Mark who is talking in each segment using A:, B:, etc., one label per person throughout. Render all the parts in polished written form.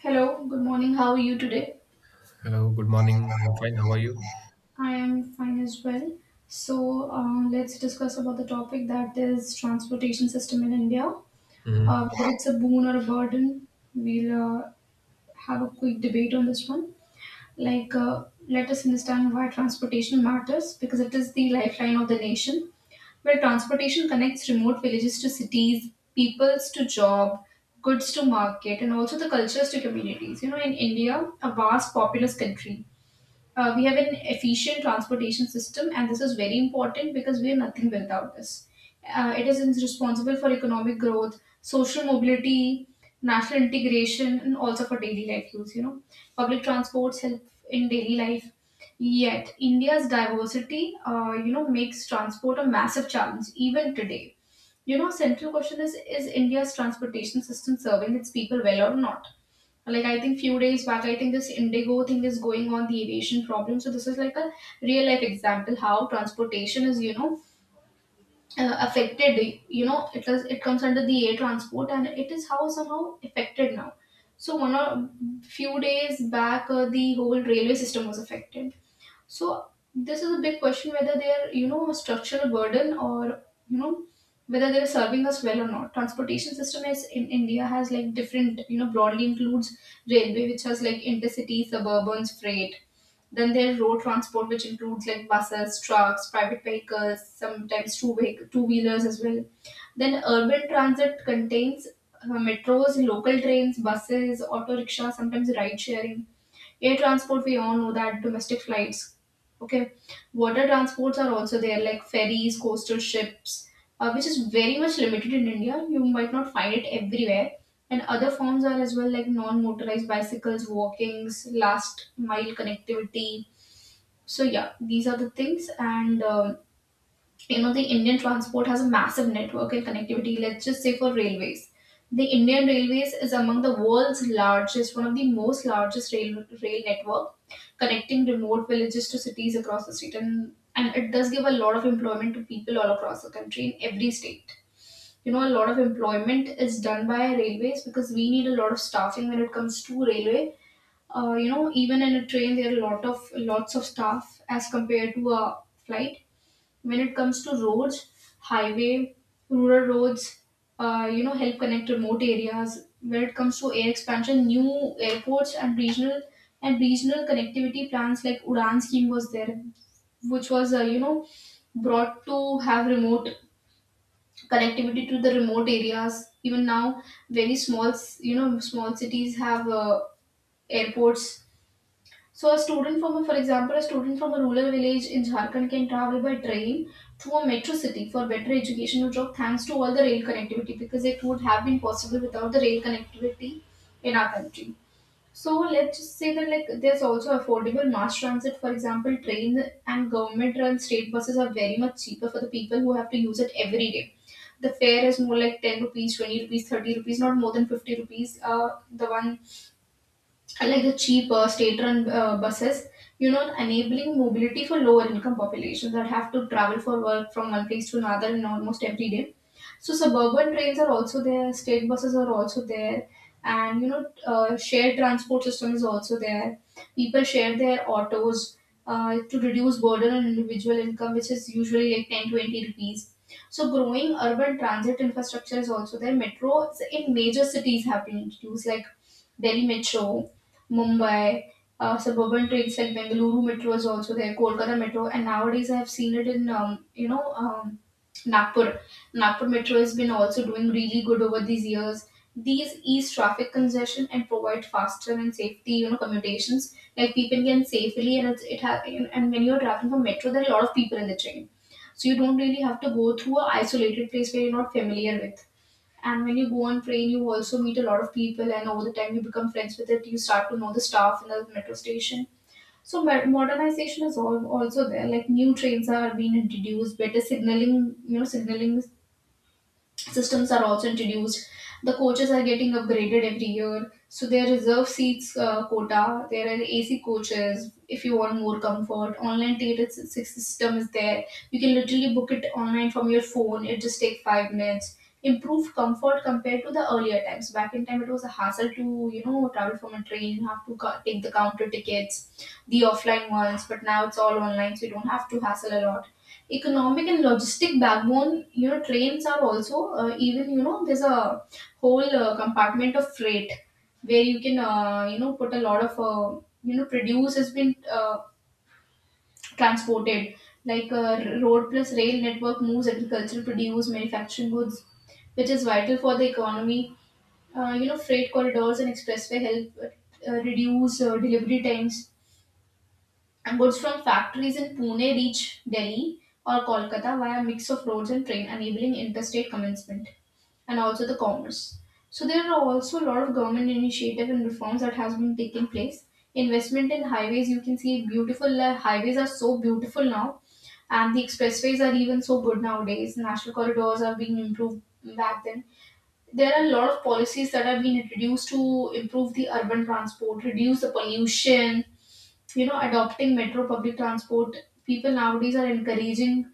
A: Hello, good morning. How are you today?
B: Hello, good morning. I'm fine. How are you?
A: I am fine as well. So, let's discuss about the topic that is transportation system in India.
B: Hmm.
A: Whether it's a boon or a burden, we'll have a quick debate on this one. Let us understand why transportation matters because it is the lifeline of the nation where transportation connects remote villages to cities, peoples to job, goods to market, and also the cultures to communities. You know, in India, a vast populous country, we have an efficient transportation system and this is very important because we are nothing without this. Responsible for economic growth, social mobility, national integration, and also for daily life use, you know, public transports help in daily life. Yet India's diversity, you know, makes transport a massive challenge even today. You know, central question is India's transportation system serving its people well or not? Like, I think few days back, I think this Indigo thing is going on, the aviation problem. So this is like a real life example how transportation is, you know, affected. You know, it comes under the air transport and it is how somehow affected now. So one or few days back, the whole railway system was affected. So this is a big question, whether they are, you know, a structural burden, or, you know, whether they're serving us well or not. Transportation system is in India has, like, different, you know, broadly includes railway, which has like intercity, suburban, freight. Then there's road transport, which includes like buses, trucks, private vehicles, sometimes two vehicle, two wheelers as well. Then urban transit contains metros, local trains, buses, auto rickshaw, sometimes ride sharing. Air transport, we all know that, domestic flights. Okay, water transports are also there, like ferries, coastal ships, which is very much limited in India. You might not find it everywhere. And other forms are as well, like non motorized bicycles, walkings, last mile connectivity. So, yeah, these are the things. And You know, the Indian transport has a massive network and connectivity. Let's just say for railways, the Indian railways is among the world's largest, one of the most largest rail network, connecting remote villages to cities across the state, and it does give a lot of employment to people all across the country in every state. You know, a lot of employment is done by railways because we need a lot of staffing when it comes to railway. You know, even in a train there are a lot of lots of staff as compared to a flight. When it comes to roads, highway, rural roads, you know, help connect remote areas. When it comes to air expansion, new airports and regional connectivity plans like Udan scheme was there, which was, you know, brought to have remote connectivity to the remote areas. Even now, very small, you know, small cities have airports. So a student from a, for example, a student from a rural village in Jharkhand can travel by train to a metro city for better education or job, thanks to all the rail connectivity, because it would have been possible without the rail connectivity in our country. So let's just say that, like, there's also affordable mass transit, for example, train and government run state buses are very much cheaper for the people who have to use it every day. The fare is more like 10 rupees, 20 rupees, 30 rupees, not more than 50 rupees. The one I like, the cheap state-run buses, you know, enabling mobility for lower-income populations that have to travel for work from one place to another in almost every day. So suburban trains are also there, state buses are also there, and you know, shared transport system is also there. People share their autos to reduce burden on individual income, which is usually like 10, 20 rupees. So growing urban transit infrastructure is also there. Metro in major cities have been introduced, like Delhi Metro, Mumbai. Suburban trains like Bengaluru Metro is also there, Kolkata Metro, and nowadays I have seen it in you know, Nagpur. Nagpur Metro has been also doing really good over these years. These ease traffic congestion and provide faster and safety, you know, commutations. Like, people can safely, and it's, it ha- and when you're traveling from metro, there are a lot of people in the train, so you don't really have to go through a isolated place where you're not familiar with. And when you go on train, you also meet a lot of people, and over the time you become friends with it. You start to know the staff in the metro station. So modernization is also there. Like, new trains are being introduced, better signaling, you know, signaling systems are also introduced. The coaches are getting upgraded every year. So there are reserve seats, quota. There are AC coaches if you want more comfort. Online system is there. You can literally book it online from your phone. It just takes 5 minutes. Improved comfort compared to the earlier times. Back in time, it was a hassle to, you know, travel from a train. You have to take the counter tickets, the offline ones. But now it's all online, so you don't have to hassle a lot. Economic and logistic backbone, you know, trains are also, even, you know, there's a whole compartment of freight where you can, you know, put a lot of, you know, produce has been, transported. Like, road plus rail network moves agricultural produce, manufacturing goods, which is vital for the economy. You know, freight corridors and expressway help reduce delivery times, and goods from factories in Pune reach Delhi or Kolkata via mix of roads and train, enabling interstate commencement and also the commerce. So there are also a lot of government initiative and reforms that has been taking place. Investment in highways, you can see beautiful highways are so beautiful now, and the expressways are even so good nowadays. National corridors are being improved back then. There are a lot of policies that have been introduced to improve the urban transport, reduce the pollution, you know, adopting metro public transport, people nowadays are encouraging.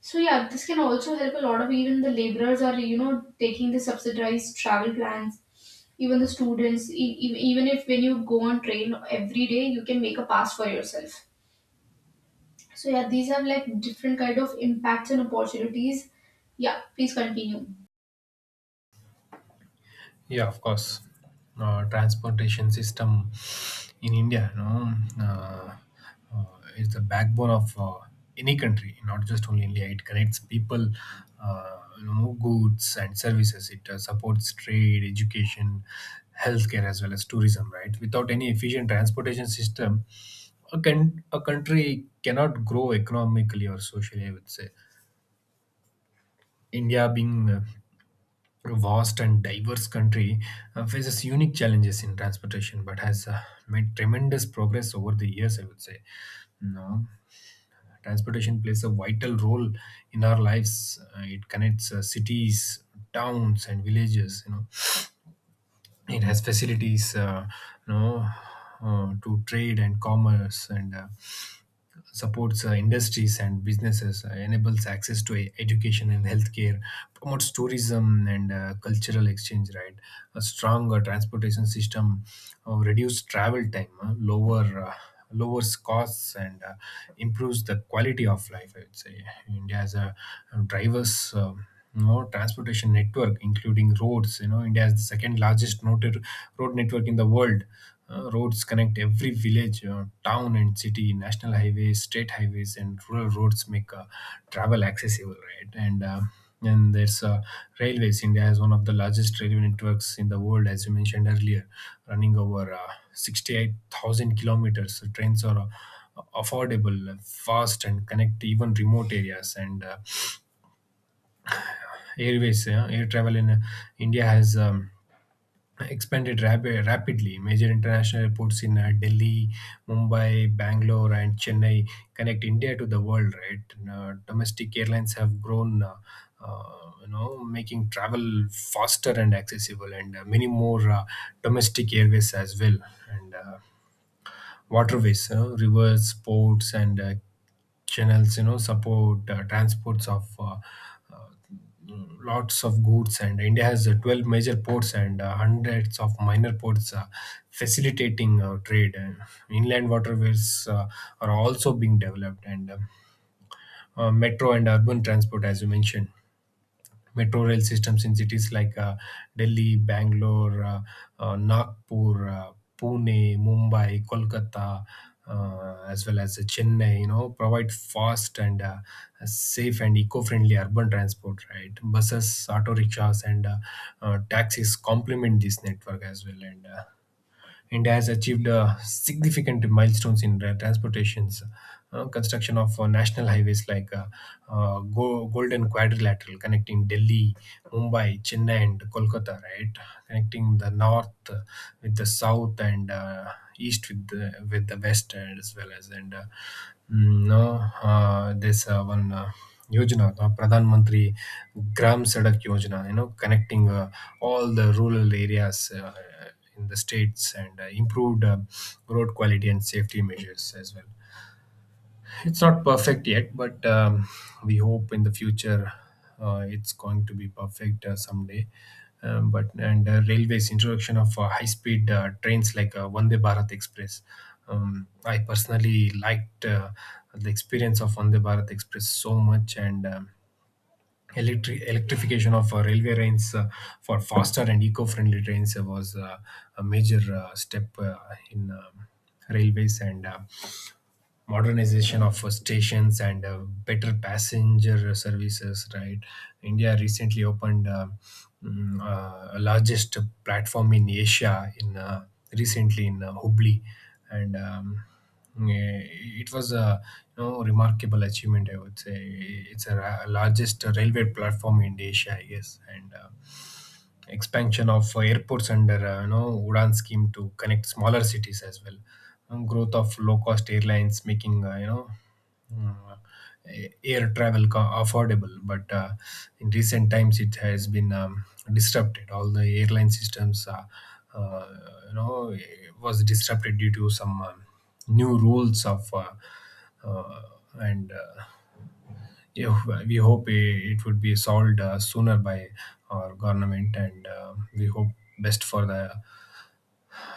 A: So yeah, this can also help a lot of, even the laborers are, you know, taking the subsidized travel plans. Even the students, even if when you go on train every day, you can make a pass for yourself. So yeah, these have like different kind of impacts and opportunities. Yeah, please continue.
B: Yeah, of course. Transportation system in India, uh, uh, is the backbone of any country, not just only India. It connects people, goods and services. It supports trade, education, healthcare, as well as tourism. Right? Without any efficient transportation system, a country cannot grow economically or socially. I would say India being a vast and diverse country faces unique challenges in transportation but has made tremendous progress over the years, I would say no Transportation plays a vital role in our lives. It connects cities, towns and villages. It has facilities, you know to trade and commerce, and supports industries and businesses, enables access to education and healthcare, promotes tourism and cultural exchange, right? A stronger transportation system reduce travel time, lowers costs and improves the quality of life. I would say India has a diverse no transportation network, including roads. You know, India has the second largest noted road network in the world. Roads connect every village, town, and city. National highways, state highways, and rural roads make travel accessible, right? And there's Railways. India has one of the largest railway networks in the world, as you mentioned earlier, running over 68,000 kilometers. So trains are affordable, fast, and connect even remote areas. And airways. Yeah, air travel in India has expanded rapidly. Major international airports in Delhi, Mumbai, Bangalore and Chennai connect India to the world, right? Uh, domestic airlines have grown uh, you know making travel faster and accessible, and many more domestic airways as well. And waterways, you know, rivers, ports and channels, you know, support transports of uh, lots of goods. And India has 12 major ports and hundreds of minor ports facilitating trade, and inland waterways are also being developed. And metro and urban transport, as you mentioned, metro rail systems in cities like Delhi, Bangalore, Nagpur, Pune, Mumbai, Kolkata, as well as Chennai, you know, provide fast and safe and eco-friendly urban transport, right? Buses, auto rickshaws, and taxis complement this network as well. And India has achieved significant milestones in transportations, construction of national highways like Golden Quadrilateral connecting Delhi, Mumbai, Chennai, and Kolkata, right? Connecting the north with the south, and east with the west as well as and mm, no this one. Yojana, the Pradhan Mantri Gram Sadak Yojana, you know, connecting all the rural areas in the states, and improved road quality and safety measures as well. It's not perfect yet, but we hope in the future it's going to be perfect someday. But and Railways: introduction of high-speed trains like Vande Bharat Express. I personally liked the experience of Vande Bharat Express so much. Electrification of railway trains for faster and eco-friendly trains was a major step in railways, and modernization of stations and better passenger services, right? India recently opened largest platform in Asia in recently in Hubli. And eh, it was a, you know, remarkable achievement, I would say. It's a largest railway platform in Asia, I guess. And expansion of airports under you know Udan scheme to connect smaller cities as well. Um, growth of low-cost airlines making, uh, air travel affordable. But in recent times it has been, disrupted. All the airline systems, uh, you know was disrupted due to some new rules of uh, and yeah, we hope it would be solved sooner by our government, and we hope best for the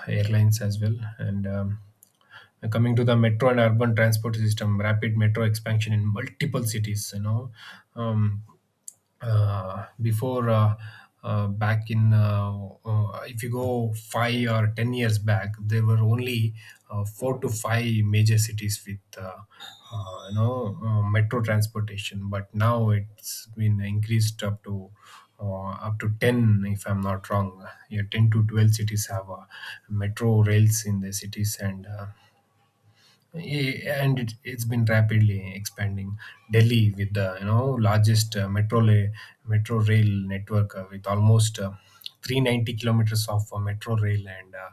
B: airlines as well. And coming to the metro and urban transport system, rapid metro expansion in multiple cities. You know, um, before back in if you go 5 or 10 years back, there were only four to five major cities with metro transportation, but now it's been increased up to, up to 10, if I'm not wrong. Yeah, 10 to 12 cities have metro rails in the cities. And yeah, it's been rapidly expanding. Delhi, with the you know largest metro rail network, with almost 390 kilometers of metro rail. And uh,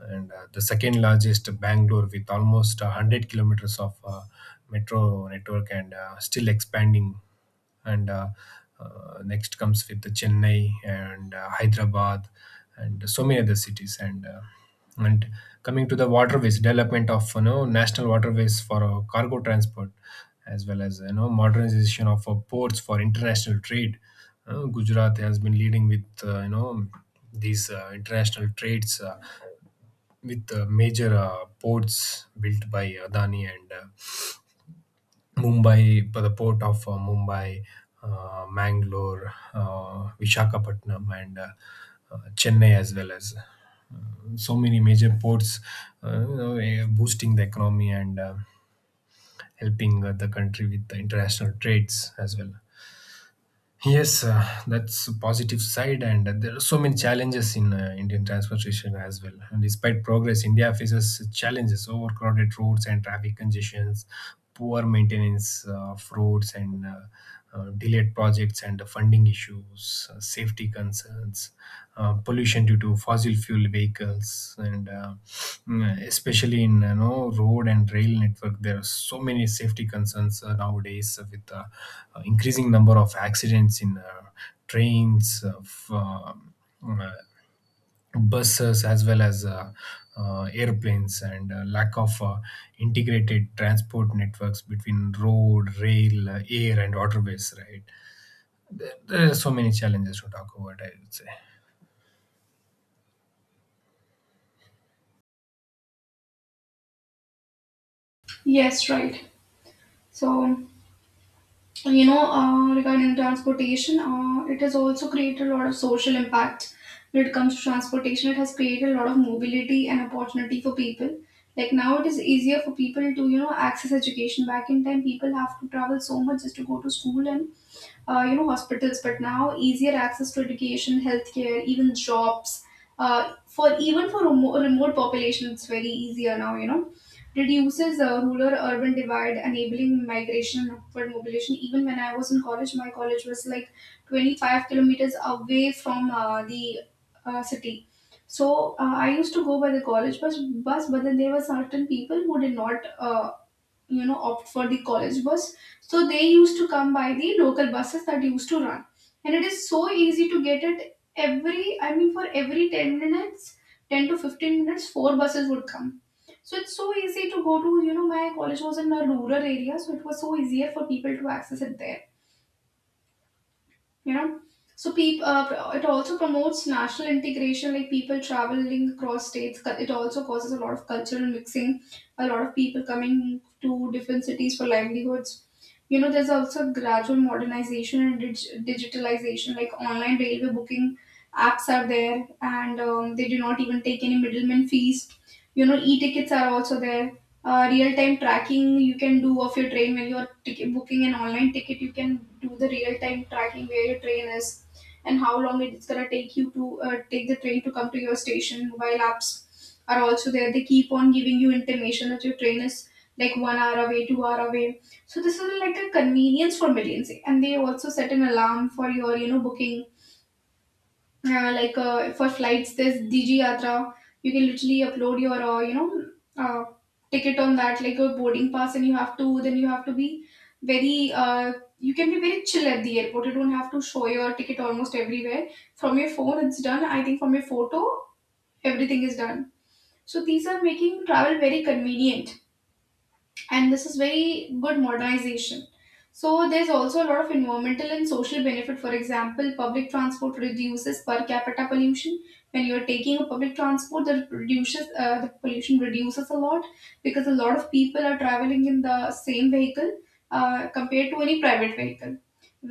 B: and uh, the second largest, Bangalore, with almost 100 kilometers of metro network, and still expanding. And next comes with the Chennai and Hyderabad, and so many other cities. And coming to the waterways, development of you know national waterways for cargo transport, as well as you know modernization of ports for international trade. Gujarat has been leading with you know these international trades with major ports built by Adani. And Mumbai, the port of Mumbai, Mangalore, Vishakhapatnam, and Chennai, as well as so many major ports, boosting the economy and helping the country with the international trades as well. Yes, that's a positive side, and there are so many challenges in Indian transportation as well. And despite progress, India faces challenges: overcrowded roads and traffic congestions, poor maintenance of roads, and delayed projects and funding issues, safety concerns, pollution due to fossil fuel vehicles, and especially in you know road and rail network, there are so many safety concerns nowadays with increasing number of accidents in trains, of uh, buses, as well as airplanes, and lack of integrated transport networks between road, rail, air, and waterways. Right, there are so many challenges to talk about, I would say.
A: Yes, right. So you know, regarding transportation, it has also created a lot of social impact. When it comes to transportation, it has created a lot of mobility and opportunity for people. Like, now it is easier for people to, you know, access education. Back in time, people have to travel so much just to go to school, and you know, hospitals. But now easier access to education, healthcare, even jobs, for remote population, it's very easier now. You know, reduces rural urban divide, enabling migration and upward mobilization. Even when I was in college, my college was like 25 kilometers away from, the city. So I used to go by the college bus bus, but then there were certain people who did not, you know, opt for the college bus. So they used to come by the local buses that used to run, and it is so easy to get it every, I mean, for every 10 minutes, 10 to 15 minutes, 4 buses would come. So it's so easy to go to, you know, my college was in a rural area, so it was so easier for people to access it there, you know. So people, it also promotes national integration, like people traveling across states. It also causes a lot of cultural mixing, a lot of people coming to different cities for livelihoods. You know, there's also gradual modernization and digitalization, like online railway booking apps are there, and they do not even take any middleman fees. You know, e-tickets are also there. Real time tracking you can do of your train when you're booking an online ticket, you can do the real time tracking where your train is and how long it's going to take you to, take the train to come to your station. Mobile apps are also there, they keep on giving you information that your train is like 1 hour away, 2 hour away, so this is like a convenience for millions, and they also set an alarm for your, you know, booking. Like for flights there's Digi Yatra. You can literally upload your uh, ticket on that, like your boarding pass, and you have to be very you can be very chill at the airport. You don't have to show your ticket almost everywhere. From your phone it's done, I think. From your photo everything is done. So these are making travel very convenient, and this is very good modernization. So there's also a lot of environmental and social benefit. For example, public transport reduces per capita pollution. When you're taking a public transport, that reduces the pollution reduces a lot, because a lot of people are traveling in the same vehicle, compared to any private vehicle.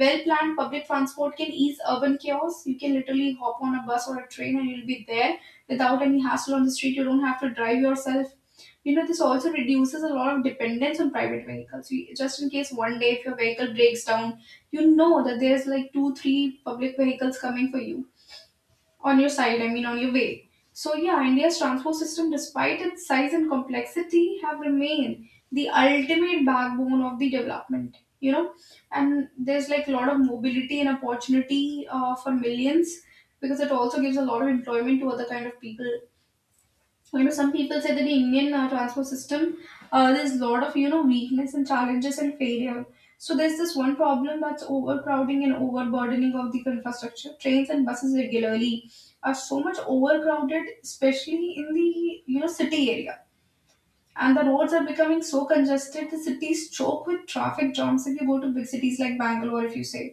A: Well planned public transport can ease urban chaos. You can literally hop on a bus or a train and you'll be there without any hassle on the street. You don't have to drive yourself. You know, this also reduces a lot of dependence on private vehicles. You, just in case one day if your vehicle breaks down, you know that there's like two, three public vehicles coming for you on your side, I mean, on your way. So, yeah, India's transport system, despite its size and complexity, have remained the ultimate backbone of the development. You know. And there's like a lot of mobility and opportunity for millions, because it also gives a lot of employment to other kind of people. You know, some people say that the Indian transport system, there's a lot of you know weakness and challenges and failure. So there's this one problem, that's overcrowding and overburdening of the infrastructure. Trains and buses regularly are so much overcrowded, especially in the you know city area. And the roads are becoming so congested, the cities choke with traffic jams. If you go to big cities like Bangalore, if you say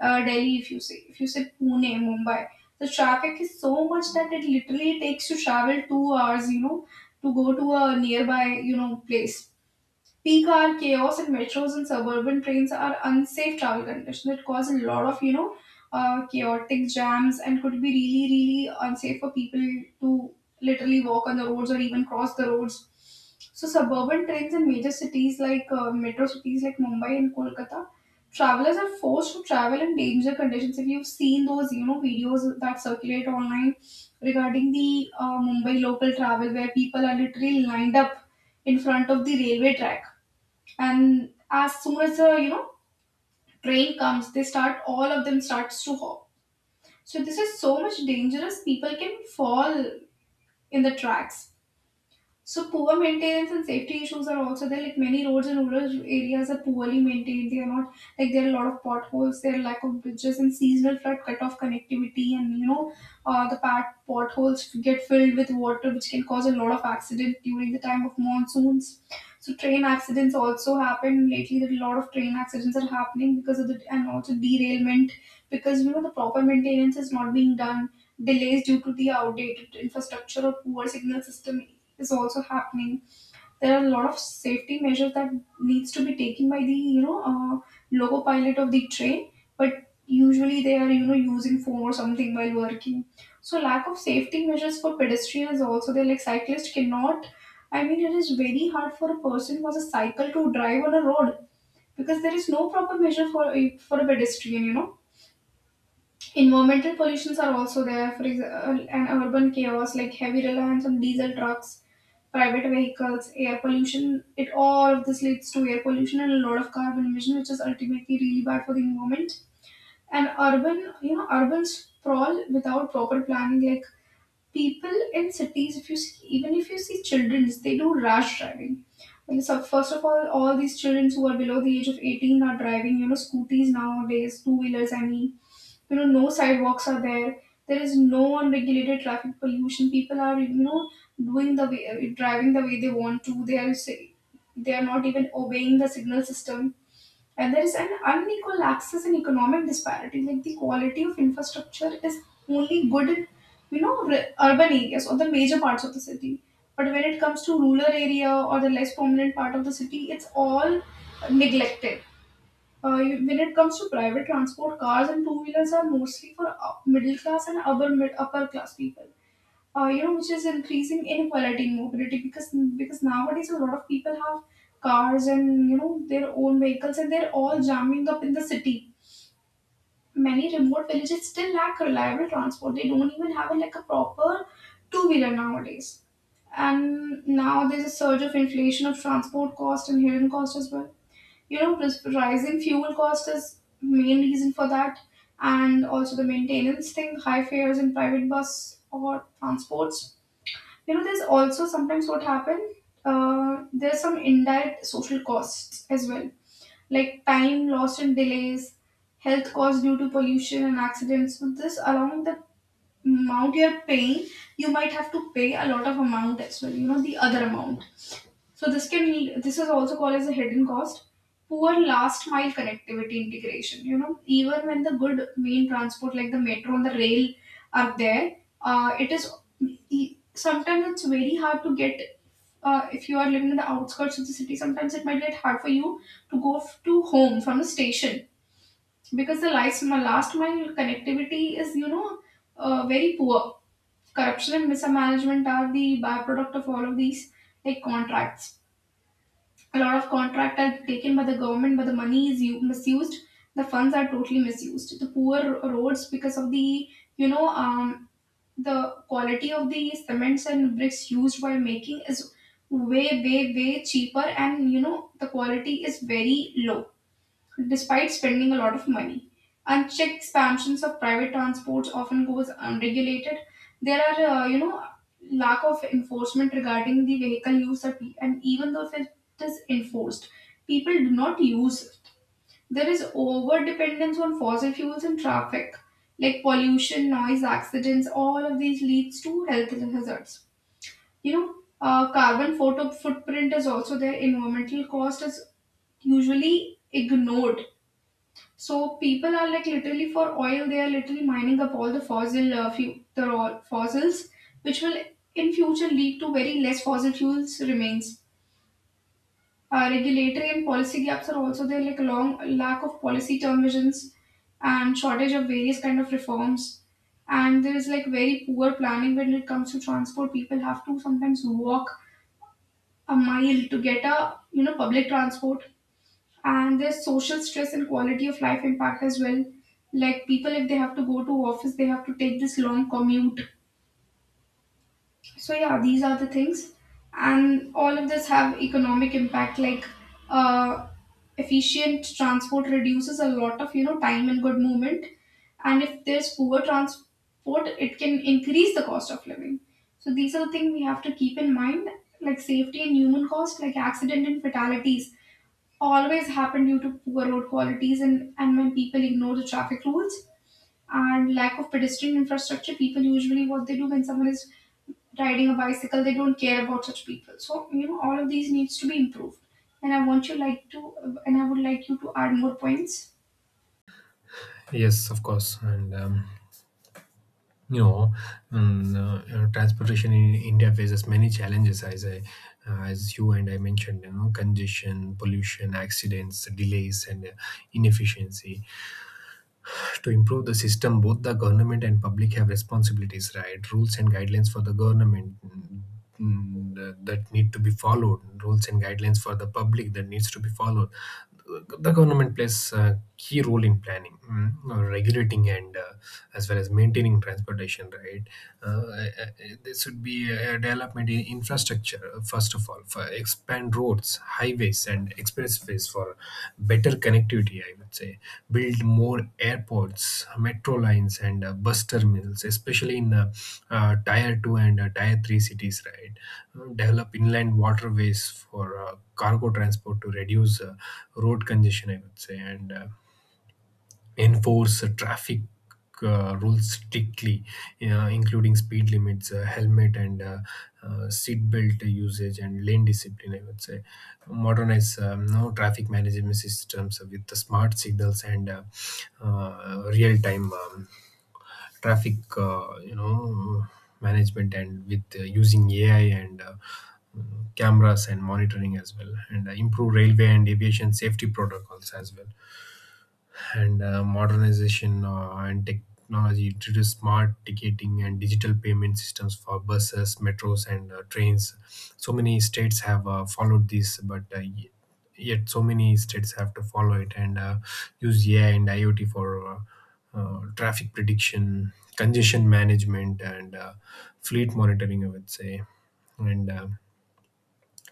A: Delhi, if you say Pune, Mumbai, the traffic is so much that it literally takes you travel 2 hours, you know, to go to a nearby you know place. Peak hour chaos in metros and suburban trains are unsafe travel conditions that cause a lot of you know, chaotic jams and could be really, really unsafe for people to literally walk on the roads or even cross the roads. So suburban trains in major cities, like metro cities like Mumbai and Kolkata, travelers are forced to travel in danger conditions. If you've seen those you know, videos that circulate online regarding the Mumbai local travel, where people are literally lined up in front of the railway track, and as soon as the you know train comes, they start, all of them starts to hop. So this is so much dangerous, people can fall in the tracks. So poor maintenance and safety issues are also there. Like, many roads in rural areas are poorly maintained. They are not like, there are a lot of potholes. There are lack of bridges and seasonal flood cut off connectivity. And you know, the pat potholes get filled with water, which can cause a lot of accident during the time of monsoons. So train accidents also happen lately. That a lot of train accidents are happening because of the, and also derailment, because you know the proper maintenance is not being done. Delays due to the outdated infrastructure or poor signal system is also happening. There are a lot of safety measures that needs to be taken by the you know loco pilot of the train, but usually they are you know using phone or something while working. So lack of safety measures for pedestrians also. They, like, cyclists cannot. I mean, it is very hard for a person who has a cycle to drive on a road, because there is no proper measure for a pedestrian. You know Environmental pollutions are also there. For example, an urban chaos like heavy reliance on diesel trucks, private vehicles, air pollution. It, all of this leads to air pollution and a lot of carbon emission, which is ultimately really bad for the environment. And urban, you know, urban sprawl without proper planning, like, people in cities, if you see, even if you see children, they do rash driving. Like, so first of all these children who are below the age of 18 are driving, you know, scooties nowadays, two wheelers, I mean. You know, no sidewalks are there. There is no unregulated traffic pollution. People are, you know, doing the way, driving the way they want to. They are, they are not even obeying the signal system. And there is an unequal access and economic disparity. Like, the quality of infrastructure is only good in, you know, urban areas or the major parts of the city. But when it comes to rural area or the less prominent part of the city, it's all neglected. When it comes to private transport, cars and two wheelers are mostly for middle class and upper class people, you know, which is increasing inequality in mobility. Because nowadays a lot of people have cars and, you know, their own vehicles, and they're all jamming up in the city. Many remote villages still lack reliable transport. They don't even have a, like a proper two wheeler nowadays. And now there's a surge of inflation of transport cost and hidden cost as well. You know, rising fuel cost is main reason for that, and also the maintenance thing, high fares in private bus or transports. You know, there's also sometimes what happen. There's some indirect social costs as well, like time lost in delays, health costs due to pollution and accidents. So this, along the amount you're paying, you might have to pay a lot of amount as well, you know, the other amount. So this is also called as a hidden cost. Poor last mile connectivity integration. You know, even when the good main transport like the metro and the rail are there, it is sometimes it's very hard to get. If you are living in the outskirts of the city, sometimes it might get hard for you to go f- to home from the station, because the last mile connectivity is you know very poor. Corruption and mismanagement are the byproduct of all of these, like contracts. A lot of contract are taken by the government, but the money is misused. The funds are totally misused. The poor roads, because of the you know the quality of the cements and bricks used while making is way cheaper, and you know the quality is very low despite spending a lot of money. Unchecked expansions of private transports often goes unregulated. There are, you know, lack of enforcement regarding the vehicle use, that and even though if it is enforced, people do not use it. There is over dependence on fossil fuels and traffic, like pollution, noise, accidents. All of these leads to health hazards. You know, Carbon photo footprint is also there. Environmental cost is usually ignored. So people are like literally for oil, they are literally mining up all the fossil the raw fossils, which will in future lead to very less fossil fuels remains. Regulatory and policy gaps are also there, like a long lack of policy term visions and shortage of various kind of reforms. And there is like very poor planning when it comes to transport. People have to sometimes walk a mile to get a you know public transport. And there's social stress and quality of life impact as well. Like, people, if they have to go to office, they have to take this long commute. So yeah, these are the things. And all of this have economic impact, like, uh, efficient transport reduces a lot of, you know, time and good movement, and if there's poor transport it can increase the cost of living. So these are the things we have to keep in mind, like safety and human cost, like accident and fatalities always happen due to poor road qualities, and when people ignore the traffic rules and lack of pedestrian infrastructure. People usually, what they do, when someone is riding a bicycle they don't care about such people. So you know all of these needs to be improved. And i want you like to and I would like you to add more points.
B: Yes, of course. And, you know, you know, transportation in India faces many challenges, as you and I mentioned, you know, congestion, pollution, accidents, delays, and inefficiency. To improve the system, both the government and public have responsibilities, right? Rules and guidelines for the government that need to be followed, rules and guidelines for the public that needs to be followed. The government plays a key role in planning, or regulating, and as well as maintaining transportation, right? This would be a development in infrastructure. Uh, first of all, for expand roads, highways, and expressways for better connectivity, I would say. Build more airports, metro lines, and bus terminals, especially in tier 2 and tier 3 cities, right? Develop inland waterways for cargo transport to reduce road congestion, I would say. And enforce traffic rules strictly, including speed limits, helmet and seat belt usage, and lane discipline, I would say. Modernize no traffic management systems with the smart signals and real time traffic, management, and with using AI and cameras and monitoring as well, and improve railway and aviation safety protocols as well. And modernization and technology due to smart ticketing and digital payment systems for buses, metros, and trains. So many states have followed this, but yet so many states have to follow it. And use AI and IoT for traffic prediction, congestion management, and fleet monitoring, I would say. And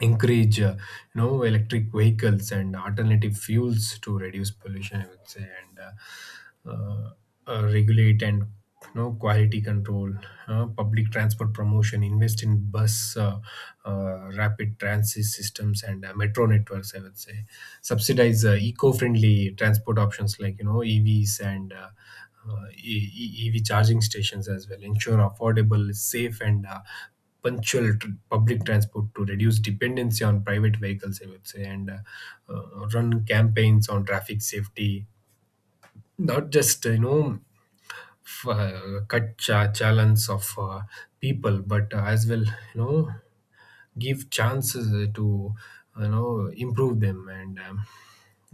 B: encourage you know electric vehicles and alternative fuels to reduce pollution, I would say. And regulate, and you know quality control. Uh, public transport promotion: invest in bus rapid transit systems and metro networks, I would say. Subsidize eco-friendly transport options like you know EVs and EV charging stations as well. Ensure affordable, safe, and punctual public transport to reduce dependency on private vehicles. I would say, and run campaigns on traffic safety, not just challenge of people, but as well, you know, give chances to, you know, improve them, and um,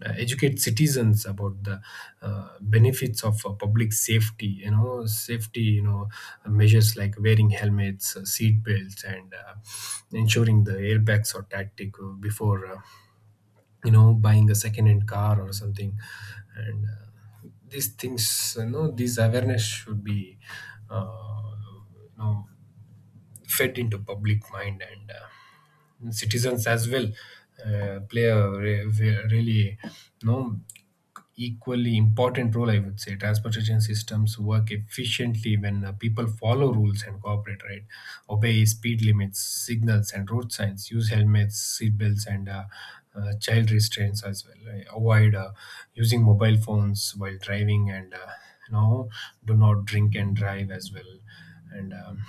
B: uh, educate citizens about the benefits of public safety, safety, measures like wearing helmets, seat belts, and ensuring the airbags are tactic before, you know, buying a second hand car or something. And these things, you know, these awareness should be, uh, you know, fed into public mind, and citizens as well play a really, no, equally important role, I would say. Transportation systems work efficiently when people follow rules and cooperate, right? Obey speed limits, signals, and road signs. Use helmets, seat belts, and child restraints as well, right? Avoid using mobile phones while driving, and you know, do not drink and drive as well. And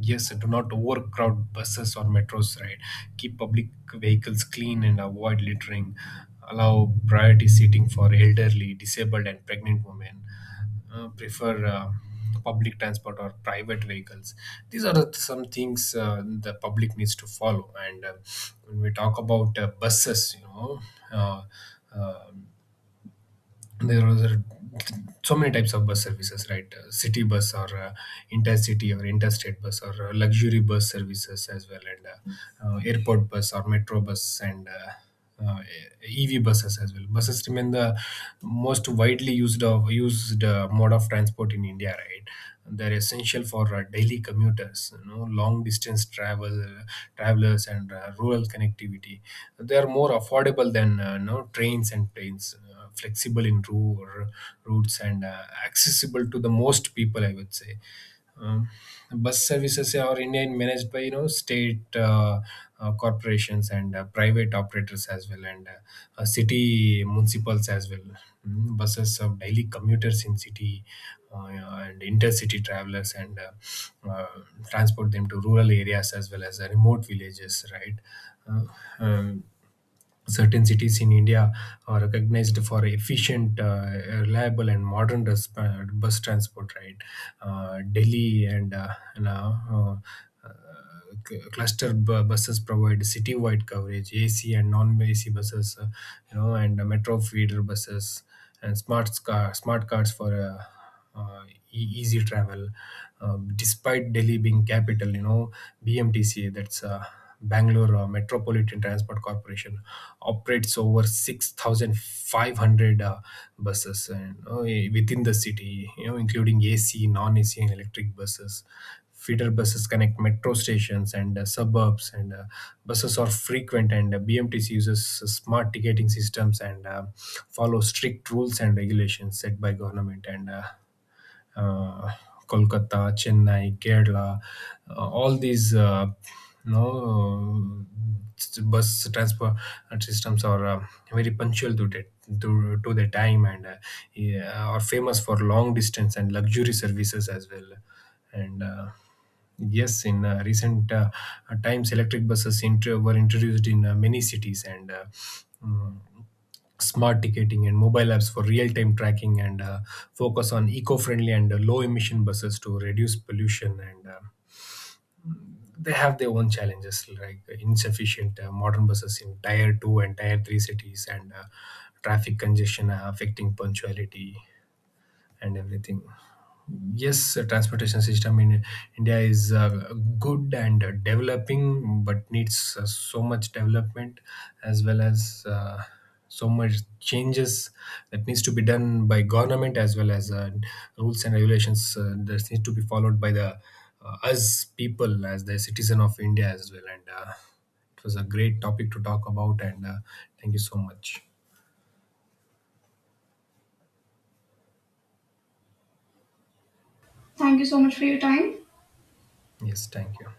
B: Yes, do not overcrowd buses or metros, right? Keep public vehicles clean and avoid littering. Allow priority seating for elderly, disabled, and pregnant women. Prefer public transport or private vehicles. Some things, the public needs to follow. And when we talk about buses, you know, uh, um, there was a, so many types of bus services, right? City bus, or intercity, or interstate bus, or luxury bus services as well, and airport bus or metro bus, and uh, EV buses as well. Buses remain the most widely used mode of transport in India, right? They're essential for daily commuters, you know, long distance travelers, and rural connectivity. They are more affordable than, you know, trains and planes, flexible in routes, and accessible to the most people, I would say. um, Bus services are in India managed by, you know, state corporations, and private operators as well, and city municipals as well. Mm, buses serve daily commuters in city uh, and intercity travelers, and transport them to rural areas as well as remote villages. Right. Uh, um, Certain cities in India are recognized for efficient, reliable, and modern bus transport. Right, Delhi, and, you know, uh, uh, cluster buses provide city-wide coverage. AC and non-AC buses, you know, and metro feeder buses, and smart cars for uh, easy travel. Despite Delhi being capital, you know, BMTC, that's Bangalore Metropolitan Transport Corporation, operates over 6,500 buses, and within the city, you know, including AC, non-AC, and electric buses. Feeder buses connect metro stations and suburbs, and buses are frequent, and BMTC uses smart ticketing systems, and follow strict rules and regulations set by government, and uh, Kolkata, Chennai, Kerala, all these you know bus transport systems are very punctual to that, to the time, and yeah, are famous for long distance and luxury services as well. And yes, in recent times, electric buses were introduced in many cities, and mm, smart ticketing and mobile apps for real-time tracking, and focus on eco-friendly and low-emission buses to reduce pollution, and they have their own challenges like insufficient modern buses in tier 2 and tier 3 cities, and traffic congestion affecting punctuality and everything. Yes, transportation system in India is good and developing, but needs so much development, as well as so much changes that needs to be done by government, as well as rules and regulations that needs to be followed by the us people as the citizen of India as well. And it was a great topic to talk about. And thank you so much.
A: Thank you so much for your time.
B: Yes, thank you.